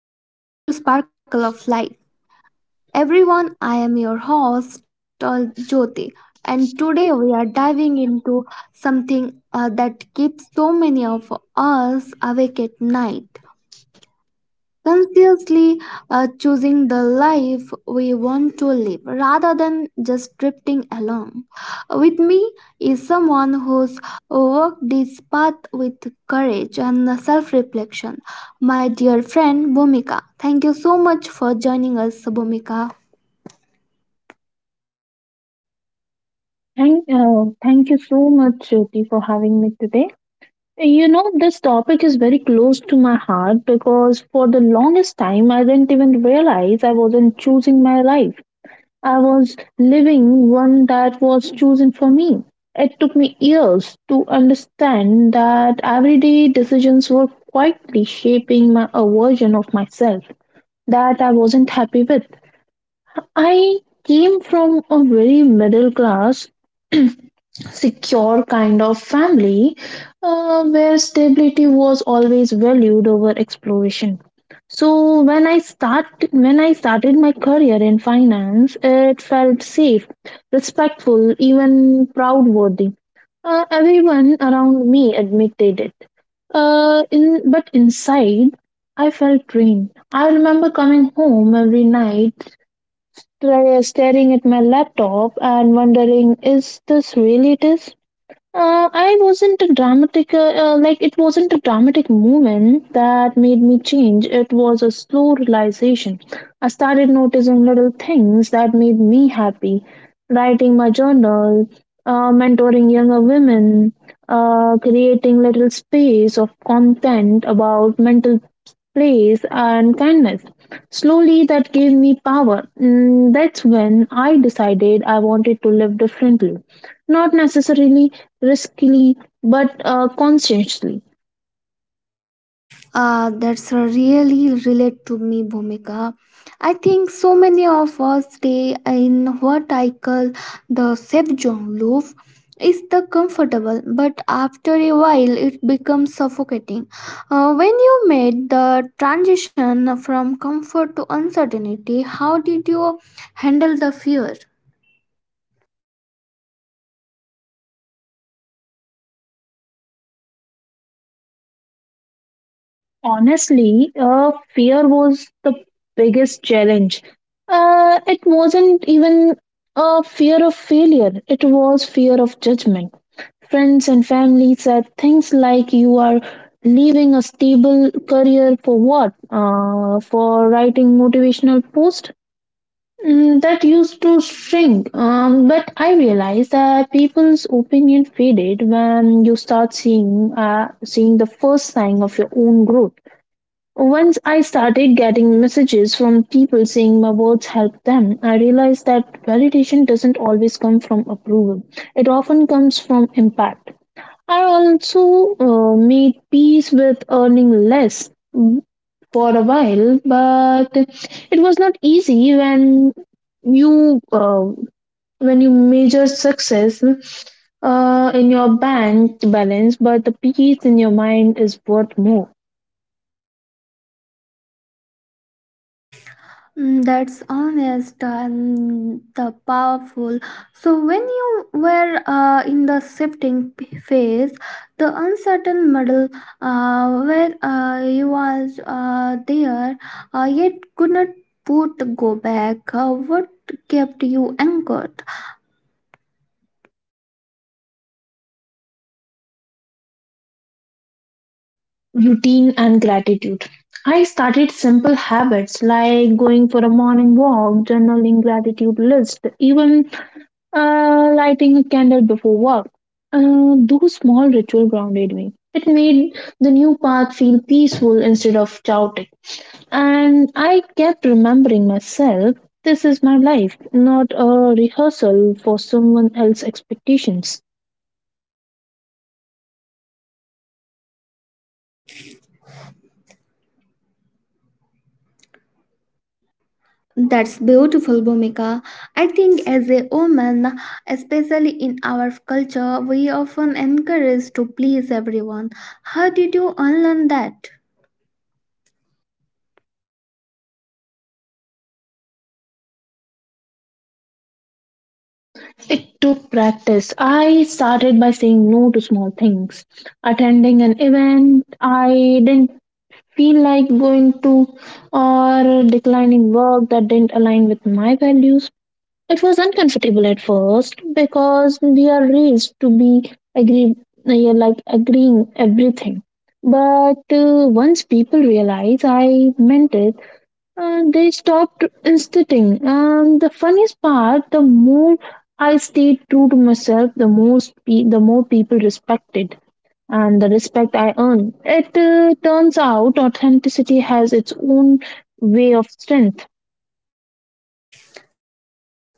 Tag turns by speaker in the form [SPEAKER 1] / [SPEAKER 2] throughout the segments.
[SPEAKER 1] Hello and welcome back to Sparkle of Life. Everyone, I am your host Jyoti, and today we are diving into something that keeps so many of us awake at night, consciously choosing the life we want to live rather than just drifting along. With me is someone who's walked this path with courage and self reflection. My dear friend Bhumika, thank you so much for joining us, Bhumika.
[SPEAKER 2] Thank you so much, Jyoti, for having me today. You know, this topic is very close to my heart because for the longest time, I didn't even realize I wasn't choosing my life. I was living one that was chosen for me. It took me years to understand that everyday decisions were quietly shaping a version of myself that I wasn't happy with. I came from a very middle class secure kind of family where stability was always valued over exploration, so when I started my career in finance, it felt safe, respectful, even proud, worthy. Everyone around me admitted it. In But inside I felt drained. I remember coming home every night, staring at my laptop and wondering, is this really it is I wasn't a dramatic, like it wasn't a dramatic moment that made me change. It was a slow realization. I started noticing little things that made me happy. Writing my journal, mentoring younger women, creating little space of content about mental place and kindness. Slowly, that gave me power. Mm, that's when I decided I wanted to live differently. Not necessarily riskily but consciously.
[SPEAKER 1] That's really relate to me, Bhumika. I think so many of us stay in what I call the safe zone loop. Is the comfortable, but after a while it becomes suffocating. When you made the transition from comfort to uncertainty, how did you handle the fear?
[SPEAKER 2] Honestly, fear was the biggest challenge. It wasn't even a fear of failure, it was fear of judgment. Friends and family said things like, "You are leaving a stable career for what? For writing motivational posters?" Mm, that used to shrink, but I realized that people's opinion faded when you start seeing the first sign of your own growth. Once I started getting messages from people saying my words helped them, I realized that validation doesn't always come from approval. It often comes from impact. I also made peace with earning less for a while, but it was not easy you uh, when you measure success in your bank balance, but the peace in your mind is worth more.
[SPEAKER 1] Mm, that's honest and the powerful. So when you were in the phase, the uncertain model, where you was there, yet could not put go back. What kept you anchored?
[SPEAKER 2] Routine and gratitude. I started simple habits like going for a morning walk, journaling gratitude list, even lighting a candle before work. Those small ritual grounded me. It made the new path feel peaceful instead of chaotic. And I kept remembering myself, this is my life, not a rehearsal for someone else's expectations.
[SPEAKER 1] That's beautiful, Bhumika. I think as a woman, especially in our culture, we often encourage to please everyone. How did you unlearn that?
[SPEAKER 2] It took practice. I started by saying no to small things. Attending an event I didn't feel like going to, or declining work that didn't align with my values. It was uncomfortable at first because we are raised to be agree, yeah, agreeing everything. But once people realize I meant it, they stopped insisting. And the funniest part, the more I stayed true to myself, the more people respected and the respect I earned. It turns out authenticity has its own way of strength.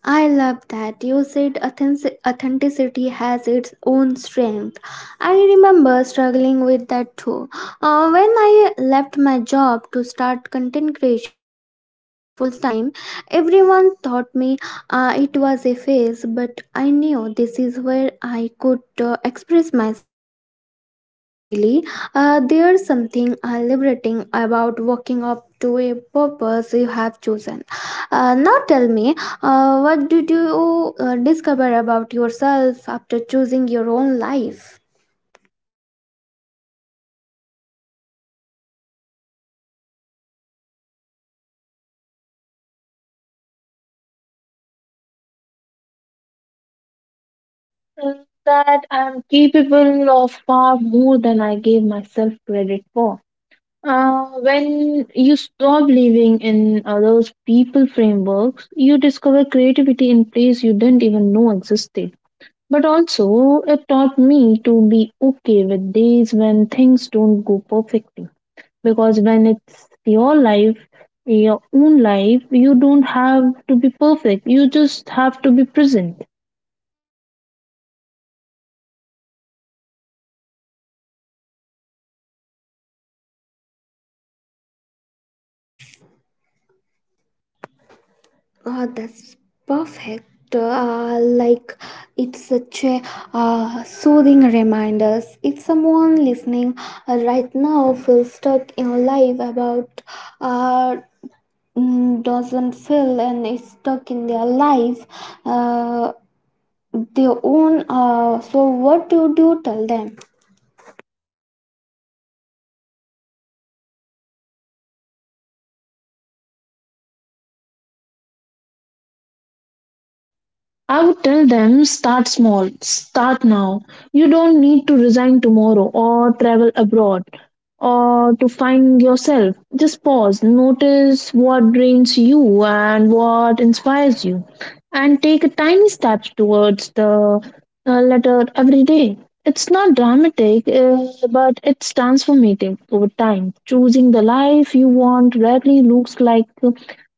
[SPEAKER 1] I love that you said authenticity has its own strength. I remember struggling with that too. When I left my job to start content creation full time, everyone thought me it was a phase, but I knew this is where I could express myself most freely. There's something liberating about walking up to a purpose you have chosen. Now tell me, what did you discover about yourself after choosing your own life?
[SPEAKER 2] Mm, that I'm capable of far more than I gave myself credit for. When you stop living in those people frameworks, you discover creativity in place you didn't even know existed. But also, it taught me to be okay with days when things don't go perfectly. Because when it's your life, your own life, you don't have to be perfect. You just have to be present.
[SPEAKER 1] Oh, that's perfect. Like, it's such a soothing reminders. If someone listening right now feels stuck in life about, uh, mm, doesn't feel and is stuck in their life, uh, their own. So what would you tell them?
[SPEAKER 2] I would tell them, start small, start now. You don't need to resign tomorrow or travel abroad or to find yourself. Just pause, notice what drains you and what inspires you, and take a tiny step towards the letter every day. It's not dramatic, but it's transformative over time. Choosing the life you want rarely looks like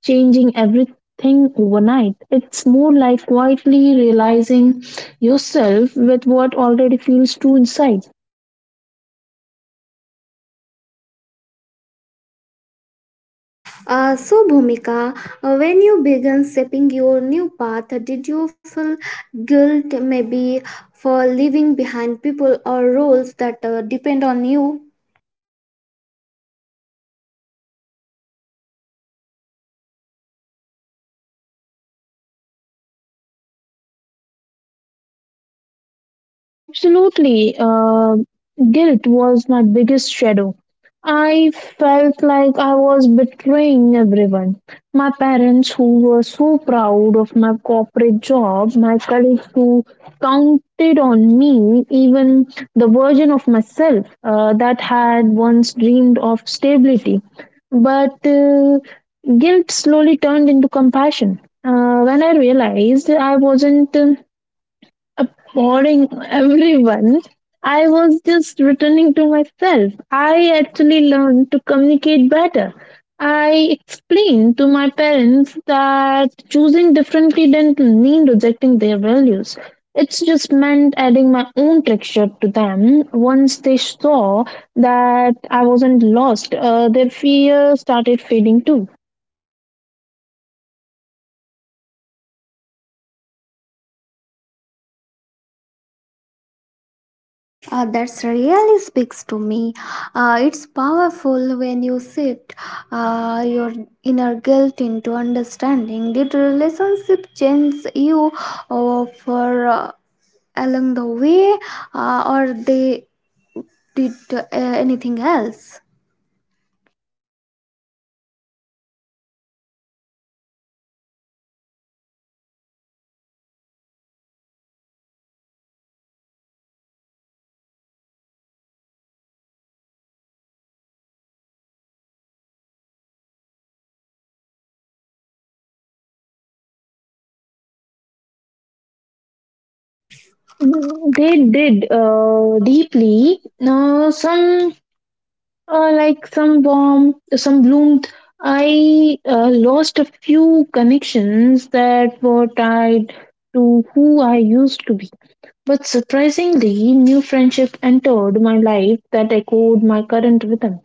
[SPEAKER 2] changing everything thing overnight. It's more like quietly realizing yourself with what already feels true inside.
[SPEAKER 1] So, Bhumika, when you began shaping your new path, did you feel guilt maybe for leaving behind people or roles that depend on you?
[SPEAKER 2] Absolutely. Guilt was my biggest shadow. I felt like I was betraying everyone. My parents, who were so proud of my corporate job, my colleagues, who counted on me, even the version of myself that had once dreamed of stability. But guilt slowly turned into compassion. When I realized I wasn't a morning everyone, I was just returning to myself. I actually learned to communicate better. I explained to my parents that choosing differently didn't mean rejecting their values, it's just meant adding my own texture to them. Once they saw that I wasn't lost, their fear started fading too.
[SPEAKER 1] That's really speaks to me. It's powerful when you shift your inner guilt into understanding. Did relationship change you for along the way, or they did anything else?
[SPEAKER 2] They did deeply. Some like some bomb, some bloomed. I lost a few connections that were tied to who I used to be. But surprisingly, new friendship entered my life that echoed my current rhythm.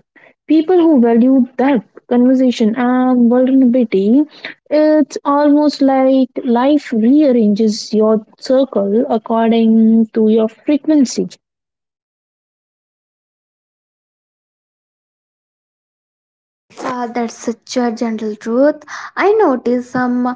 [SPEAKER 2] People who valued depth, conversation, and vulnerability, it's almost like life rearranges your circle according to your frequency.
[SPEAKER 1] Ah, that's such a gentle truth. I notice some.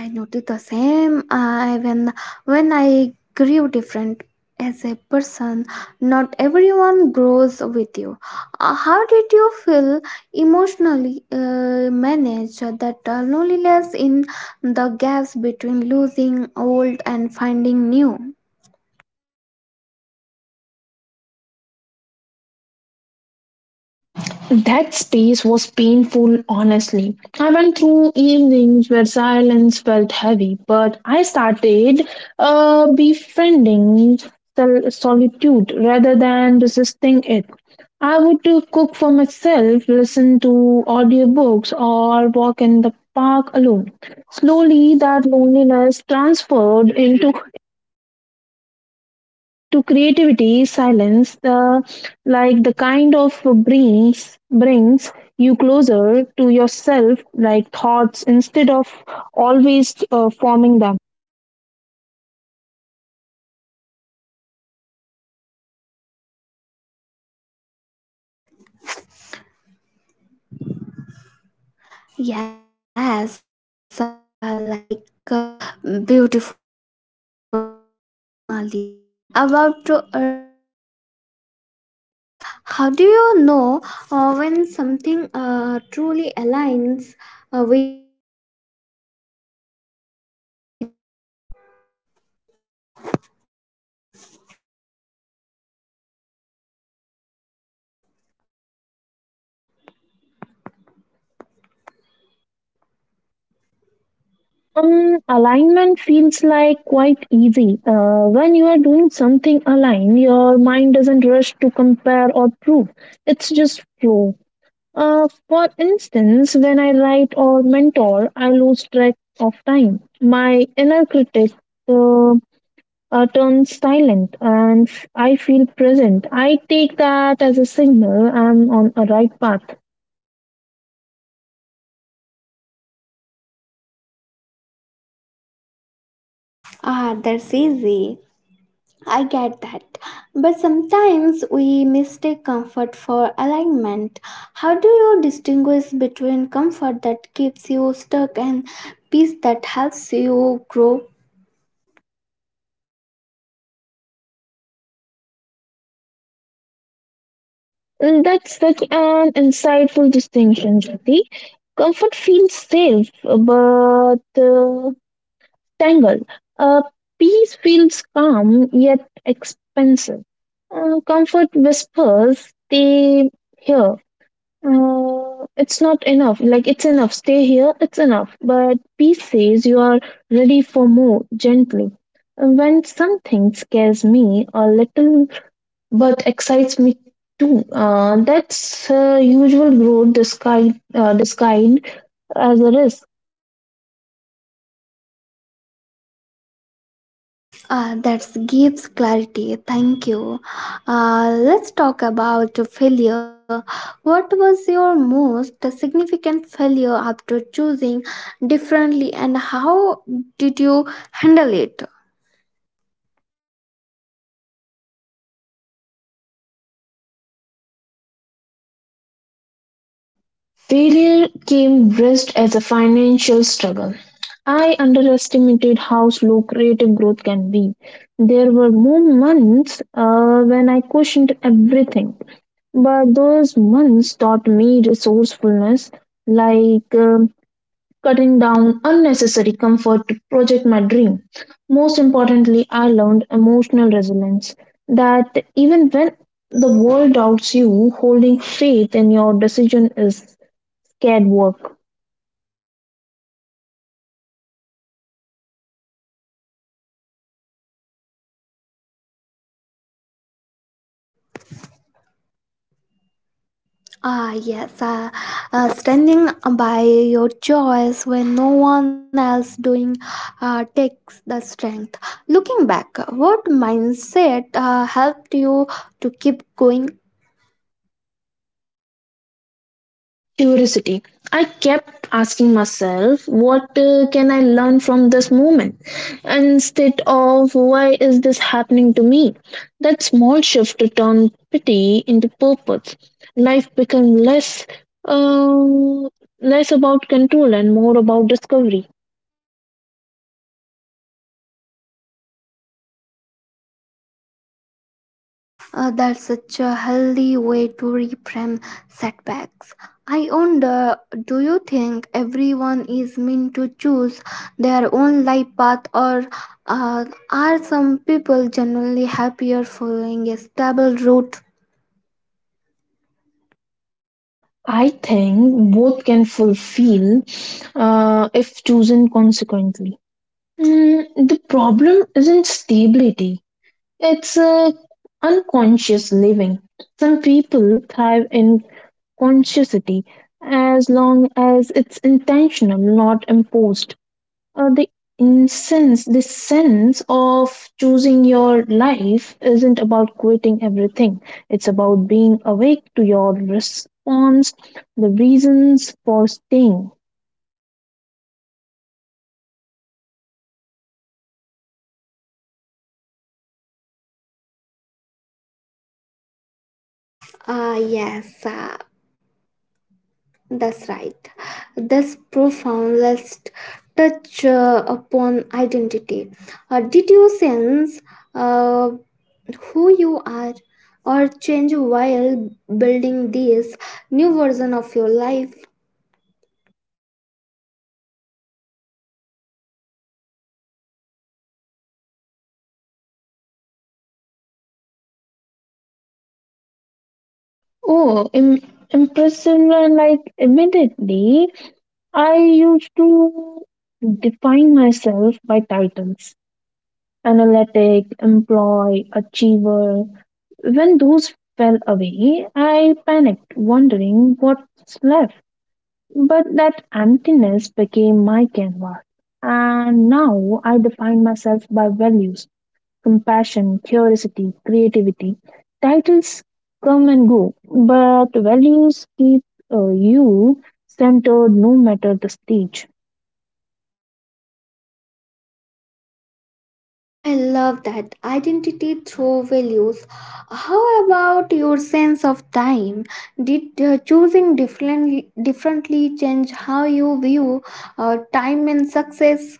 [SPEAKER 1] I notice the same. I when I grew different as a person. Not everyone grows with you. How did you feel emotionally? Manage that loneliness in the gaps between losing old and finding new.
[SPEAKER 2] That space was painful, honestly. I went through evenings where silence felt heavy, but I started befriending solitude rather than resisting it. I would cook for myself, listen to audiobooks, or walk in the park alone. Slowly, that loneliness transferred into creativity silence, the like the kind of brings you closer to yourself, like thoughts instead of always forming them.
[SPEAKER 1] Yes, like, uh, beautifully said. You mentioned earlier about realigning with yourself. How do you know when something truly aligns with you?
[SPEAKER 2] Um, alignment feels like quite easy. When you are doing something aligned, your mind doesn't rush to compare or prove, it's just flow. For instance, when I write or mentor, I lose track of time, my inner critic uh, turns silent and I feel present. I take that as a signal I'm on a right path.
[SPEAKER 1] Ah, that's easy. I get that. But sometimes we mistake comfort for alignment. How do you distinguish between comfort that keeps you stuck and peace that helps you grow?
[SPEAKER 2] And that's such an insightful distinction, Jyoti. Comfort feels safe, but tangled. Uh, peace feels calm, yet expensive. Comfort whispers, stay here. It's not enough. Like, it's enough. Stay here, it's enough. But peace says you are ready for more, gently. When something scares me a little but excites me too, that's usual growth disguised as a risk.
[SPEAKER 1] That gives clarity. Thank you. Let's talk about failure. What was your most significant failure after choosing differently, and how did you handle it?
[SPEAKER 2] Failure came dressed as a financial struggle. I underestimated how slow creative growth can be. There were more months when I questioned everything. But those months taught me resourcefulness, like cutting down unnecessary comfort to project my dream. Most importantly, I learned emotional resilience, that even when the world doubts you, holding faith in your decision is scared work.
[SPEAKER 1] Ah, yes, standing by your choice when no one else doing takes the strength. Looking back, what mindset helped you to keep going?
[SPEAKER 2] Curiosity. I kept asking myself, what can I learn from this moment? Instead of, why is this happening to me? That small shift turned pity into purpose. Life became less, um, less about control and more about discovery.
[SPEAKER 1] That's such a healthy way to reframe setbacks. I wonder, do you think everyone is meant to choose their own life path, or uh, are some people generally happier following a stable route?
[SPEAKER 2] I think both can fulfill if chosen consequently. Mm, the problem isn't stability, it's a unconscious living. Some people thrive in consciousity as long as it's intentional, not imposed. Uh, the the sense of choosing your life isn't about quitting everything. It's about being awake to your response, the reasons for staying.
[SPEAKER 1] Ah, yes, that's right. This profound let touch upon identity. Did you sense? Uh, who you are or change while building this new version of your life?
[SPEAKER 2] Oh, impressive! Like immediately, I used to define myself by titles, analytic, employee, achiever. When those fell away, I panicked, wondering what's left. But that emptiness became my canvas. And now I define myself by values, compassion, curiosity, creativity. Titles come and go, but values keep you centered no matter the stage.
[SPEAKER 1] I love that identity through values. How about your sense of time? Did choosing differently change how you view time and success?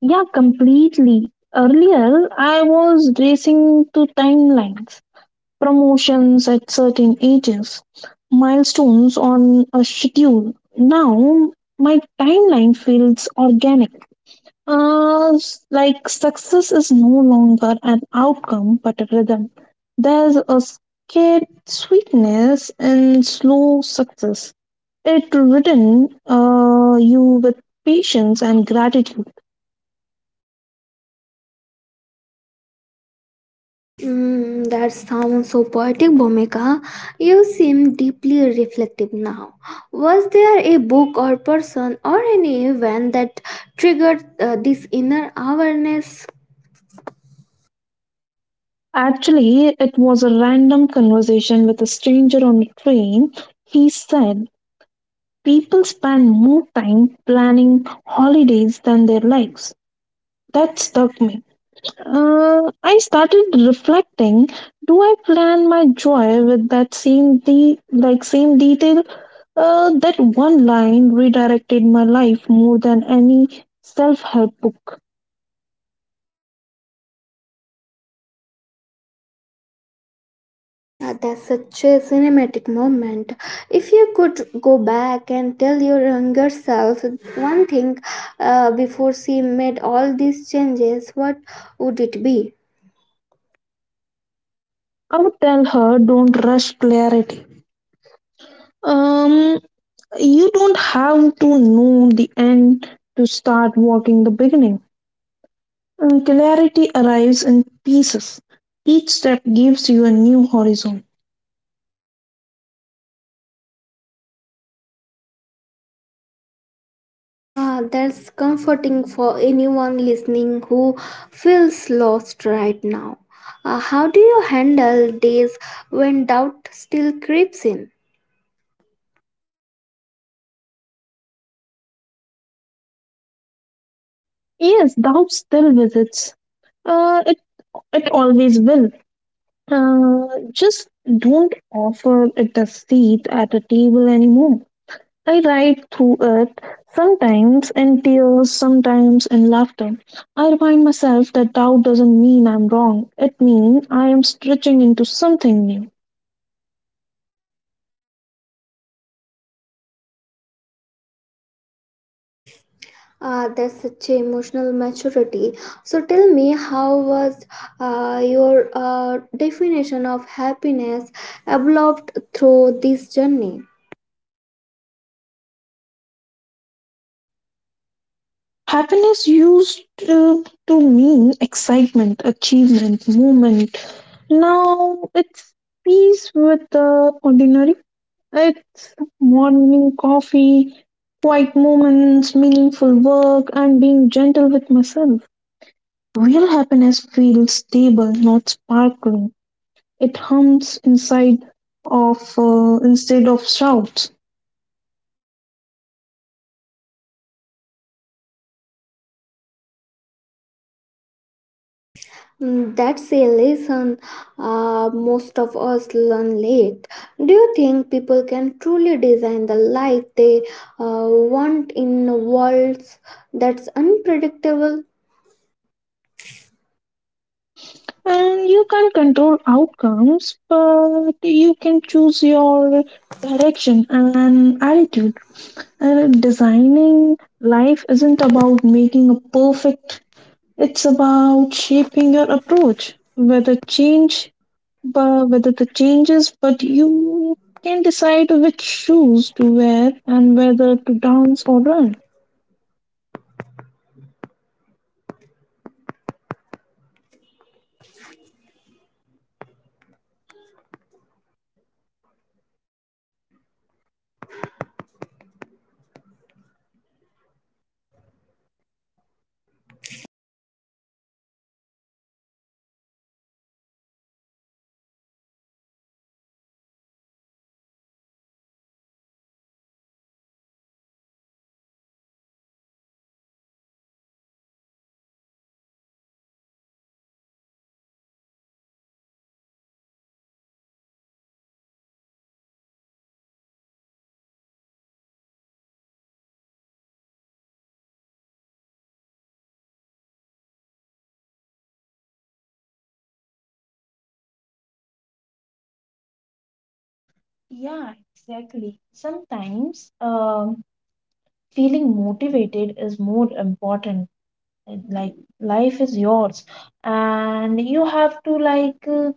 [SPEAKER 2] Yeah, completely. Earlier, I was racing to timelines, promotions at certain ages, milestones on a schedule. Now, my timeline feels organic. Like success is no longer an outcome but a rhythm. There's a scared sweetness in slow success. It ridden you with patience and gratitude.
[SPEAKER 1] Mm, that sounds so poetic, Bhumika. You seem deeply reflective now. Was there a book or person or any event that triggered this inner awareness?
[SPEAKER 2] Actually, it was a random conversation with a stranger on a train. He said people spend more time planning holidays than their lives. That stuck me. I started reflecting, do I plan my joy with that same de- like same detail? That one line redirected my life more than any self-help book.
[SPEAKER 1] That's such a cinematic moment. If you could go back and tell your younger self one thing before she made all these changes, what would it be?
[SPEAKER 2] I would tell her, don't rush clarity. Um, You don't have to know the end to start walking the beginning. And clarity arrives in pieces. Each step gives you a new horizon.
[SPEAKER 1] Ah, that's comforting for anyone listening who feels lost right now. Ah, how do you handle days when doubt still creeps in?
[SPEAKER 2] Yes, doubt still visits. Uh, it, it always will. Just don't offer it a seat at a table anymore. I ride through it, sometimes in tears, sometimes in laughter. I remind myself that doubt doesn't mean I'm wrong, it means I am stretching into something new.
[SPEAKER 1] Ah, that's such a emotional maturity. So tell me, how was your definition of happiness evolved through this journey?
[SPEAKER 2] Happiness used to mean excitement, achievement, movement. Now it's peace with the ordinary. It's morning coffee, quiet moments, meaningful work, and being gentle with myself. Real happiness feels stable, not sparkling. It hums inside of instead of shouts.
[SPEAKER 1] Mm, that's a lesson most.
[SPEAKER 2] And you can't control outcomes, but you can choose your direction and attitude. And designing life isn't about making a perfect. It's about shaping your approach, whether change but whether the changes, but you can decide which shoes to wear and whether to dance or run. Yeah, exactly. Sometimes feeling motivated is more important. Like life is yours, and you have to like uh,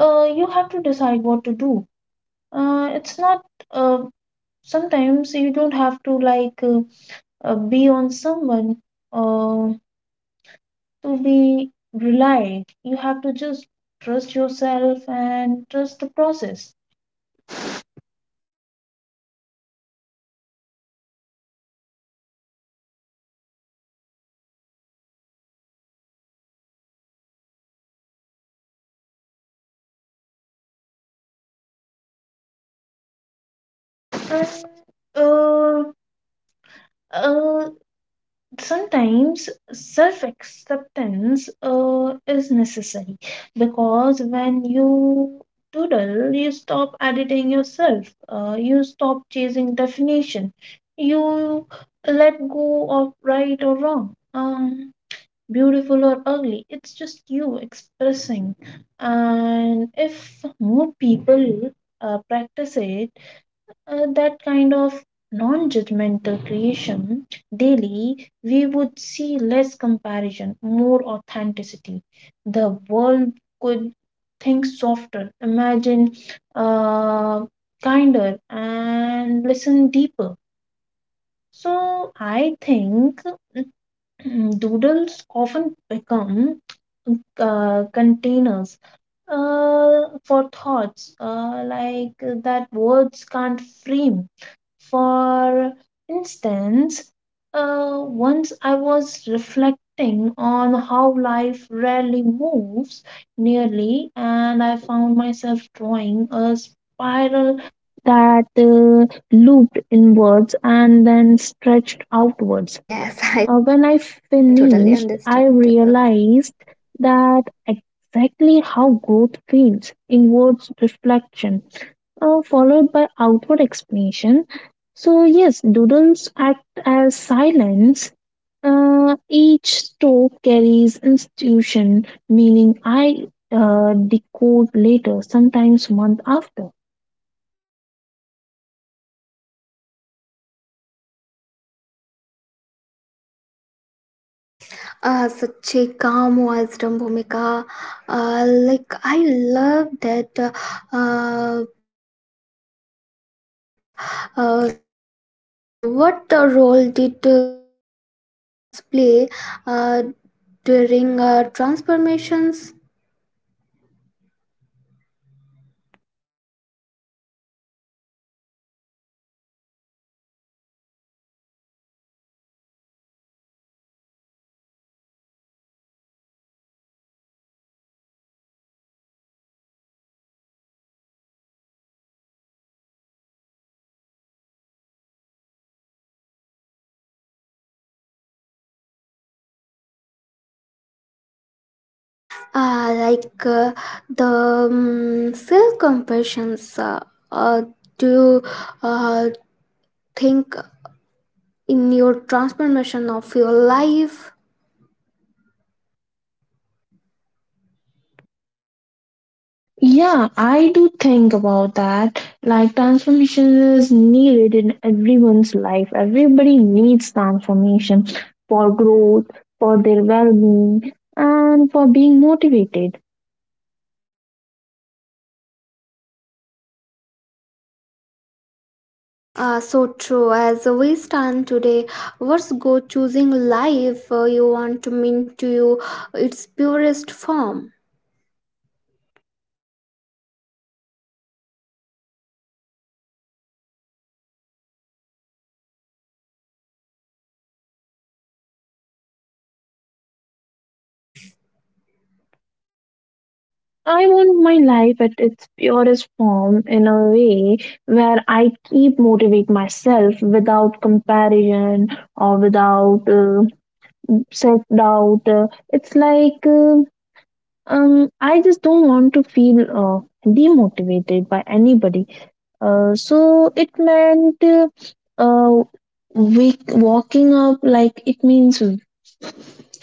[SPEAKER 2] uh, you have to decide what to do. It's not. Uh, Sometimes you don't have to be on someone, uh, to be relied. You have to just trust yourself and trust the process. And uh, uh, sometimes self acceptance is necessary because when you doodle, you stop editing yourself, you stop chasing definition, you let go of right or wrong. Beautiful or ugly. It's just you expressing. And if more people practice it, that kind of non judgmental creation daily, we would see less comparison, more authenticity. The world could think softer, imagine uh, kinder, and listen deeper. So I think. Mm, doodles often become containers for thoughts like that words can't frame. For instance, once I was reflecting on how life rarely moves nearly, and I found myself drawing a spiral that looped inwards and then stretched outwards.
[SPEAKER 1] Ah,
[SPEAKER 2] When
[SPEAKER 1] yes,
[SPEAKER 2] I
[SPEAKER 1] I totally
[SPEAKER 2] finished,
[SPEAKER 1] understand.
[SPEAKER 2] I realized that exactly how growth feels inwards reflection, followed by outward explanation. So, yes, doodles act as silence. Each stroke carries institution, meaning I decode later, sometimes month after.
[SPEAKER 1] Such a calm wisdom, Bhumika. Like, I love that thinking of yours. So, what role did self compassion play uh, during transformations? Like, the, self compassions, uh, do you uh, think in your transformation of your life.
[SPEAKER 2] Yeah, I do think about that. Like, transformation is needed in everyone's life. Everybody needs transformation for growth, for their well being, and for being motivated.
[SPEAKER 1] So true. As we stand today, let's go choosing life you want to mean to you its purest form.
[SPEAKER 2] I want my life at its purest form in a way where I keep motivate myself without comparison or without self doubt. It's like I just don't want to feel demotivated by anybody. Uh, so it meant uh, uh, walking up, like it means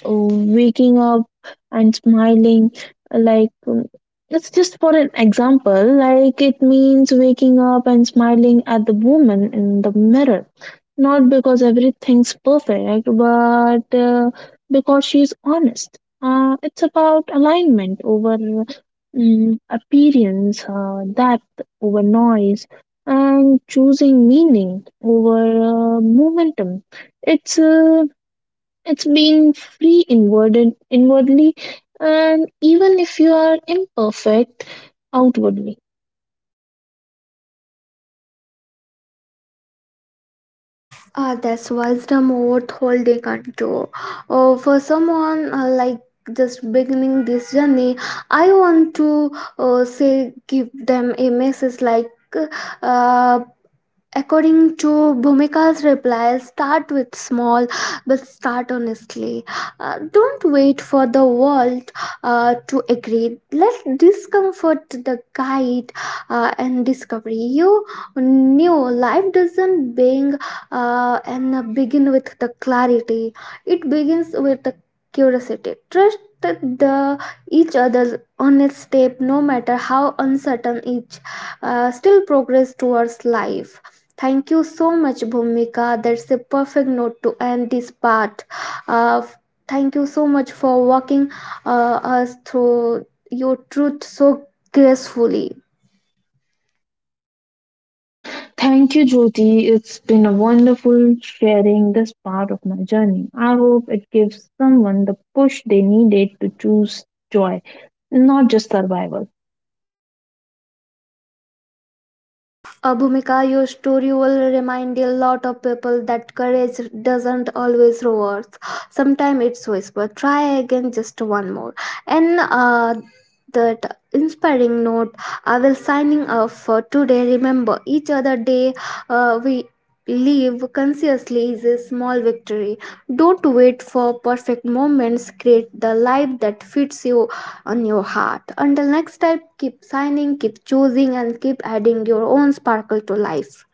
[SPEAKER 2] waking up and smiling like it's just for an example, like it means waking up and smiling at the woman in the mirror, not because everything's perfect but because she's honest. It's about alignment over appearance, depth over noise, and choosing meaning over momentum. It's uh, it's being free inwardly, and even if you are imperfect outwardly.
[SPEAKER 1] That's wisdom worth holding on to. For someone like just beginning this journey, I want to say give them a message like, uh, according to Bhumika's reply, start with small, but start honestly. Don't wait for the world to agree. Let discomfort the guide and discovery. You knew life doesn't being and begin with the clarity. It begins with the curiosity. Trust the each other's honest step, no matter how uncertain each, still progress towards life. Thank you so much, Bhumika. That's a perfect note to end this part. Uh, Thank you so much for walking us through your truth so gracefully.
[SPEAKER 2] Thank you, Jyoti. It's been a wonderful sharing this part of my journey. I hope it gives someone the push they needed to choose joy, not just survival.
[SPEAKER 1] Bhumika, your story will remind a lot of people that courage doesn't always rewards. Sometimes it's whisper, try again, just one more. And that inspiring note, I will signing off for today. Remember, each other day we live consciously is a small victory. Don't wait for perfect moments. Create the life that fits you on your heart. Until next time, keep signing, keep choosing, and keep adding your own sparkle to life.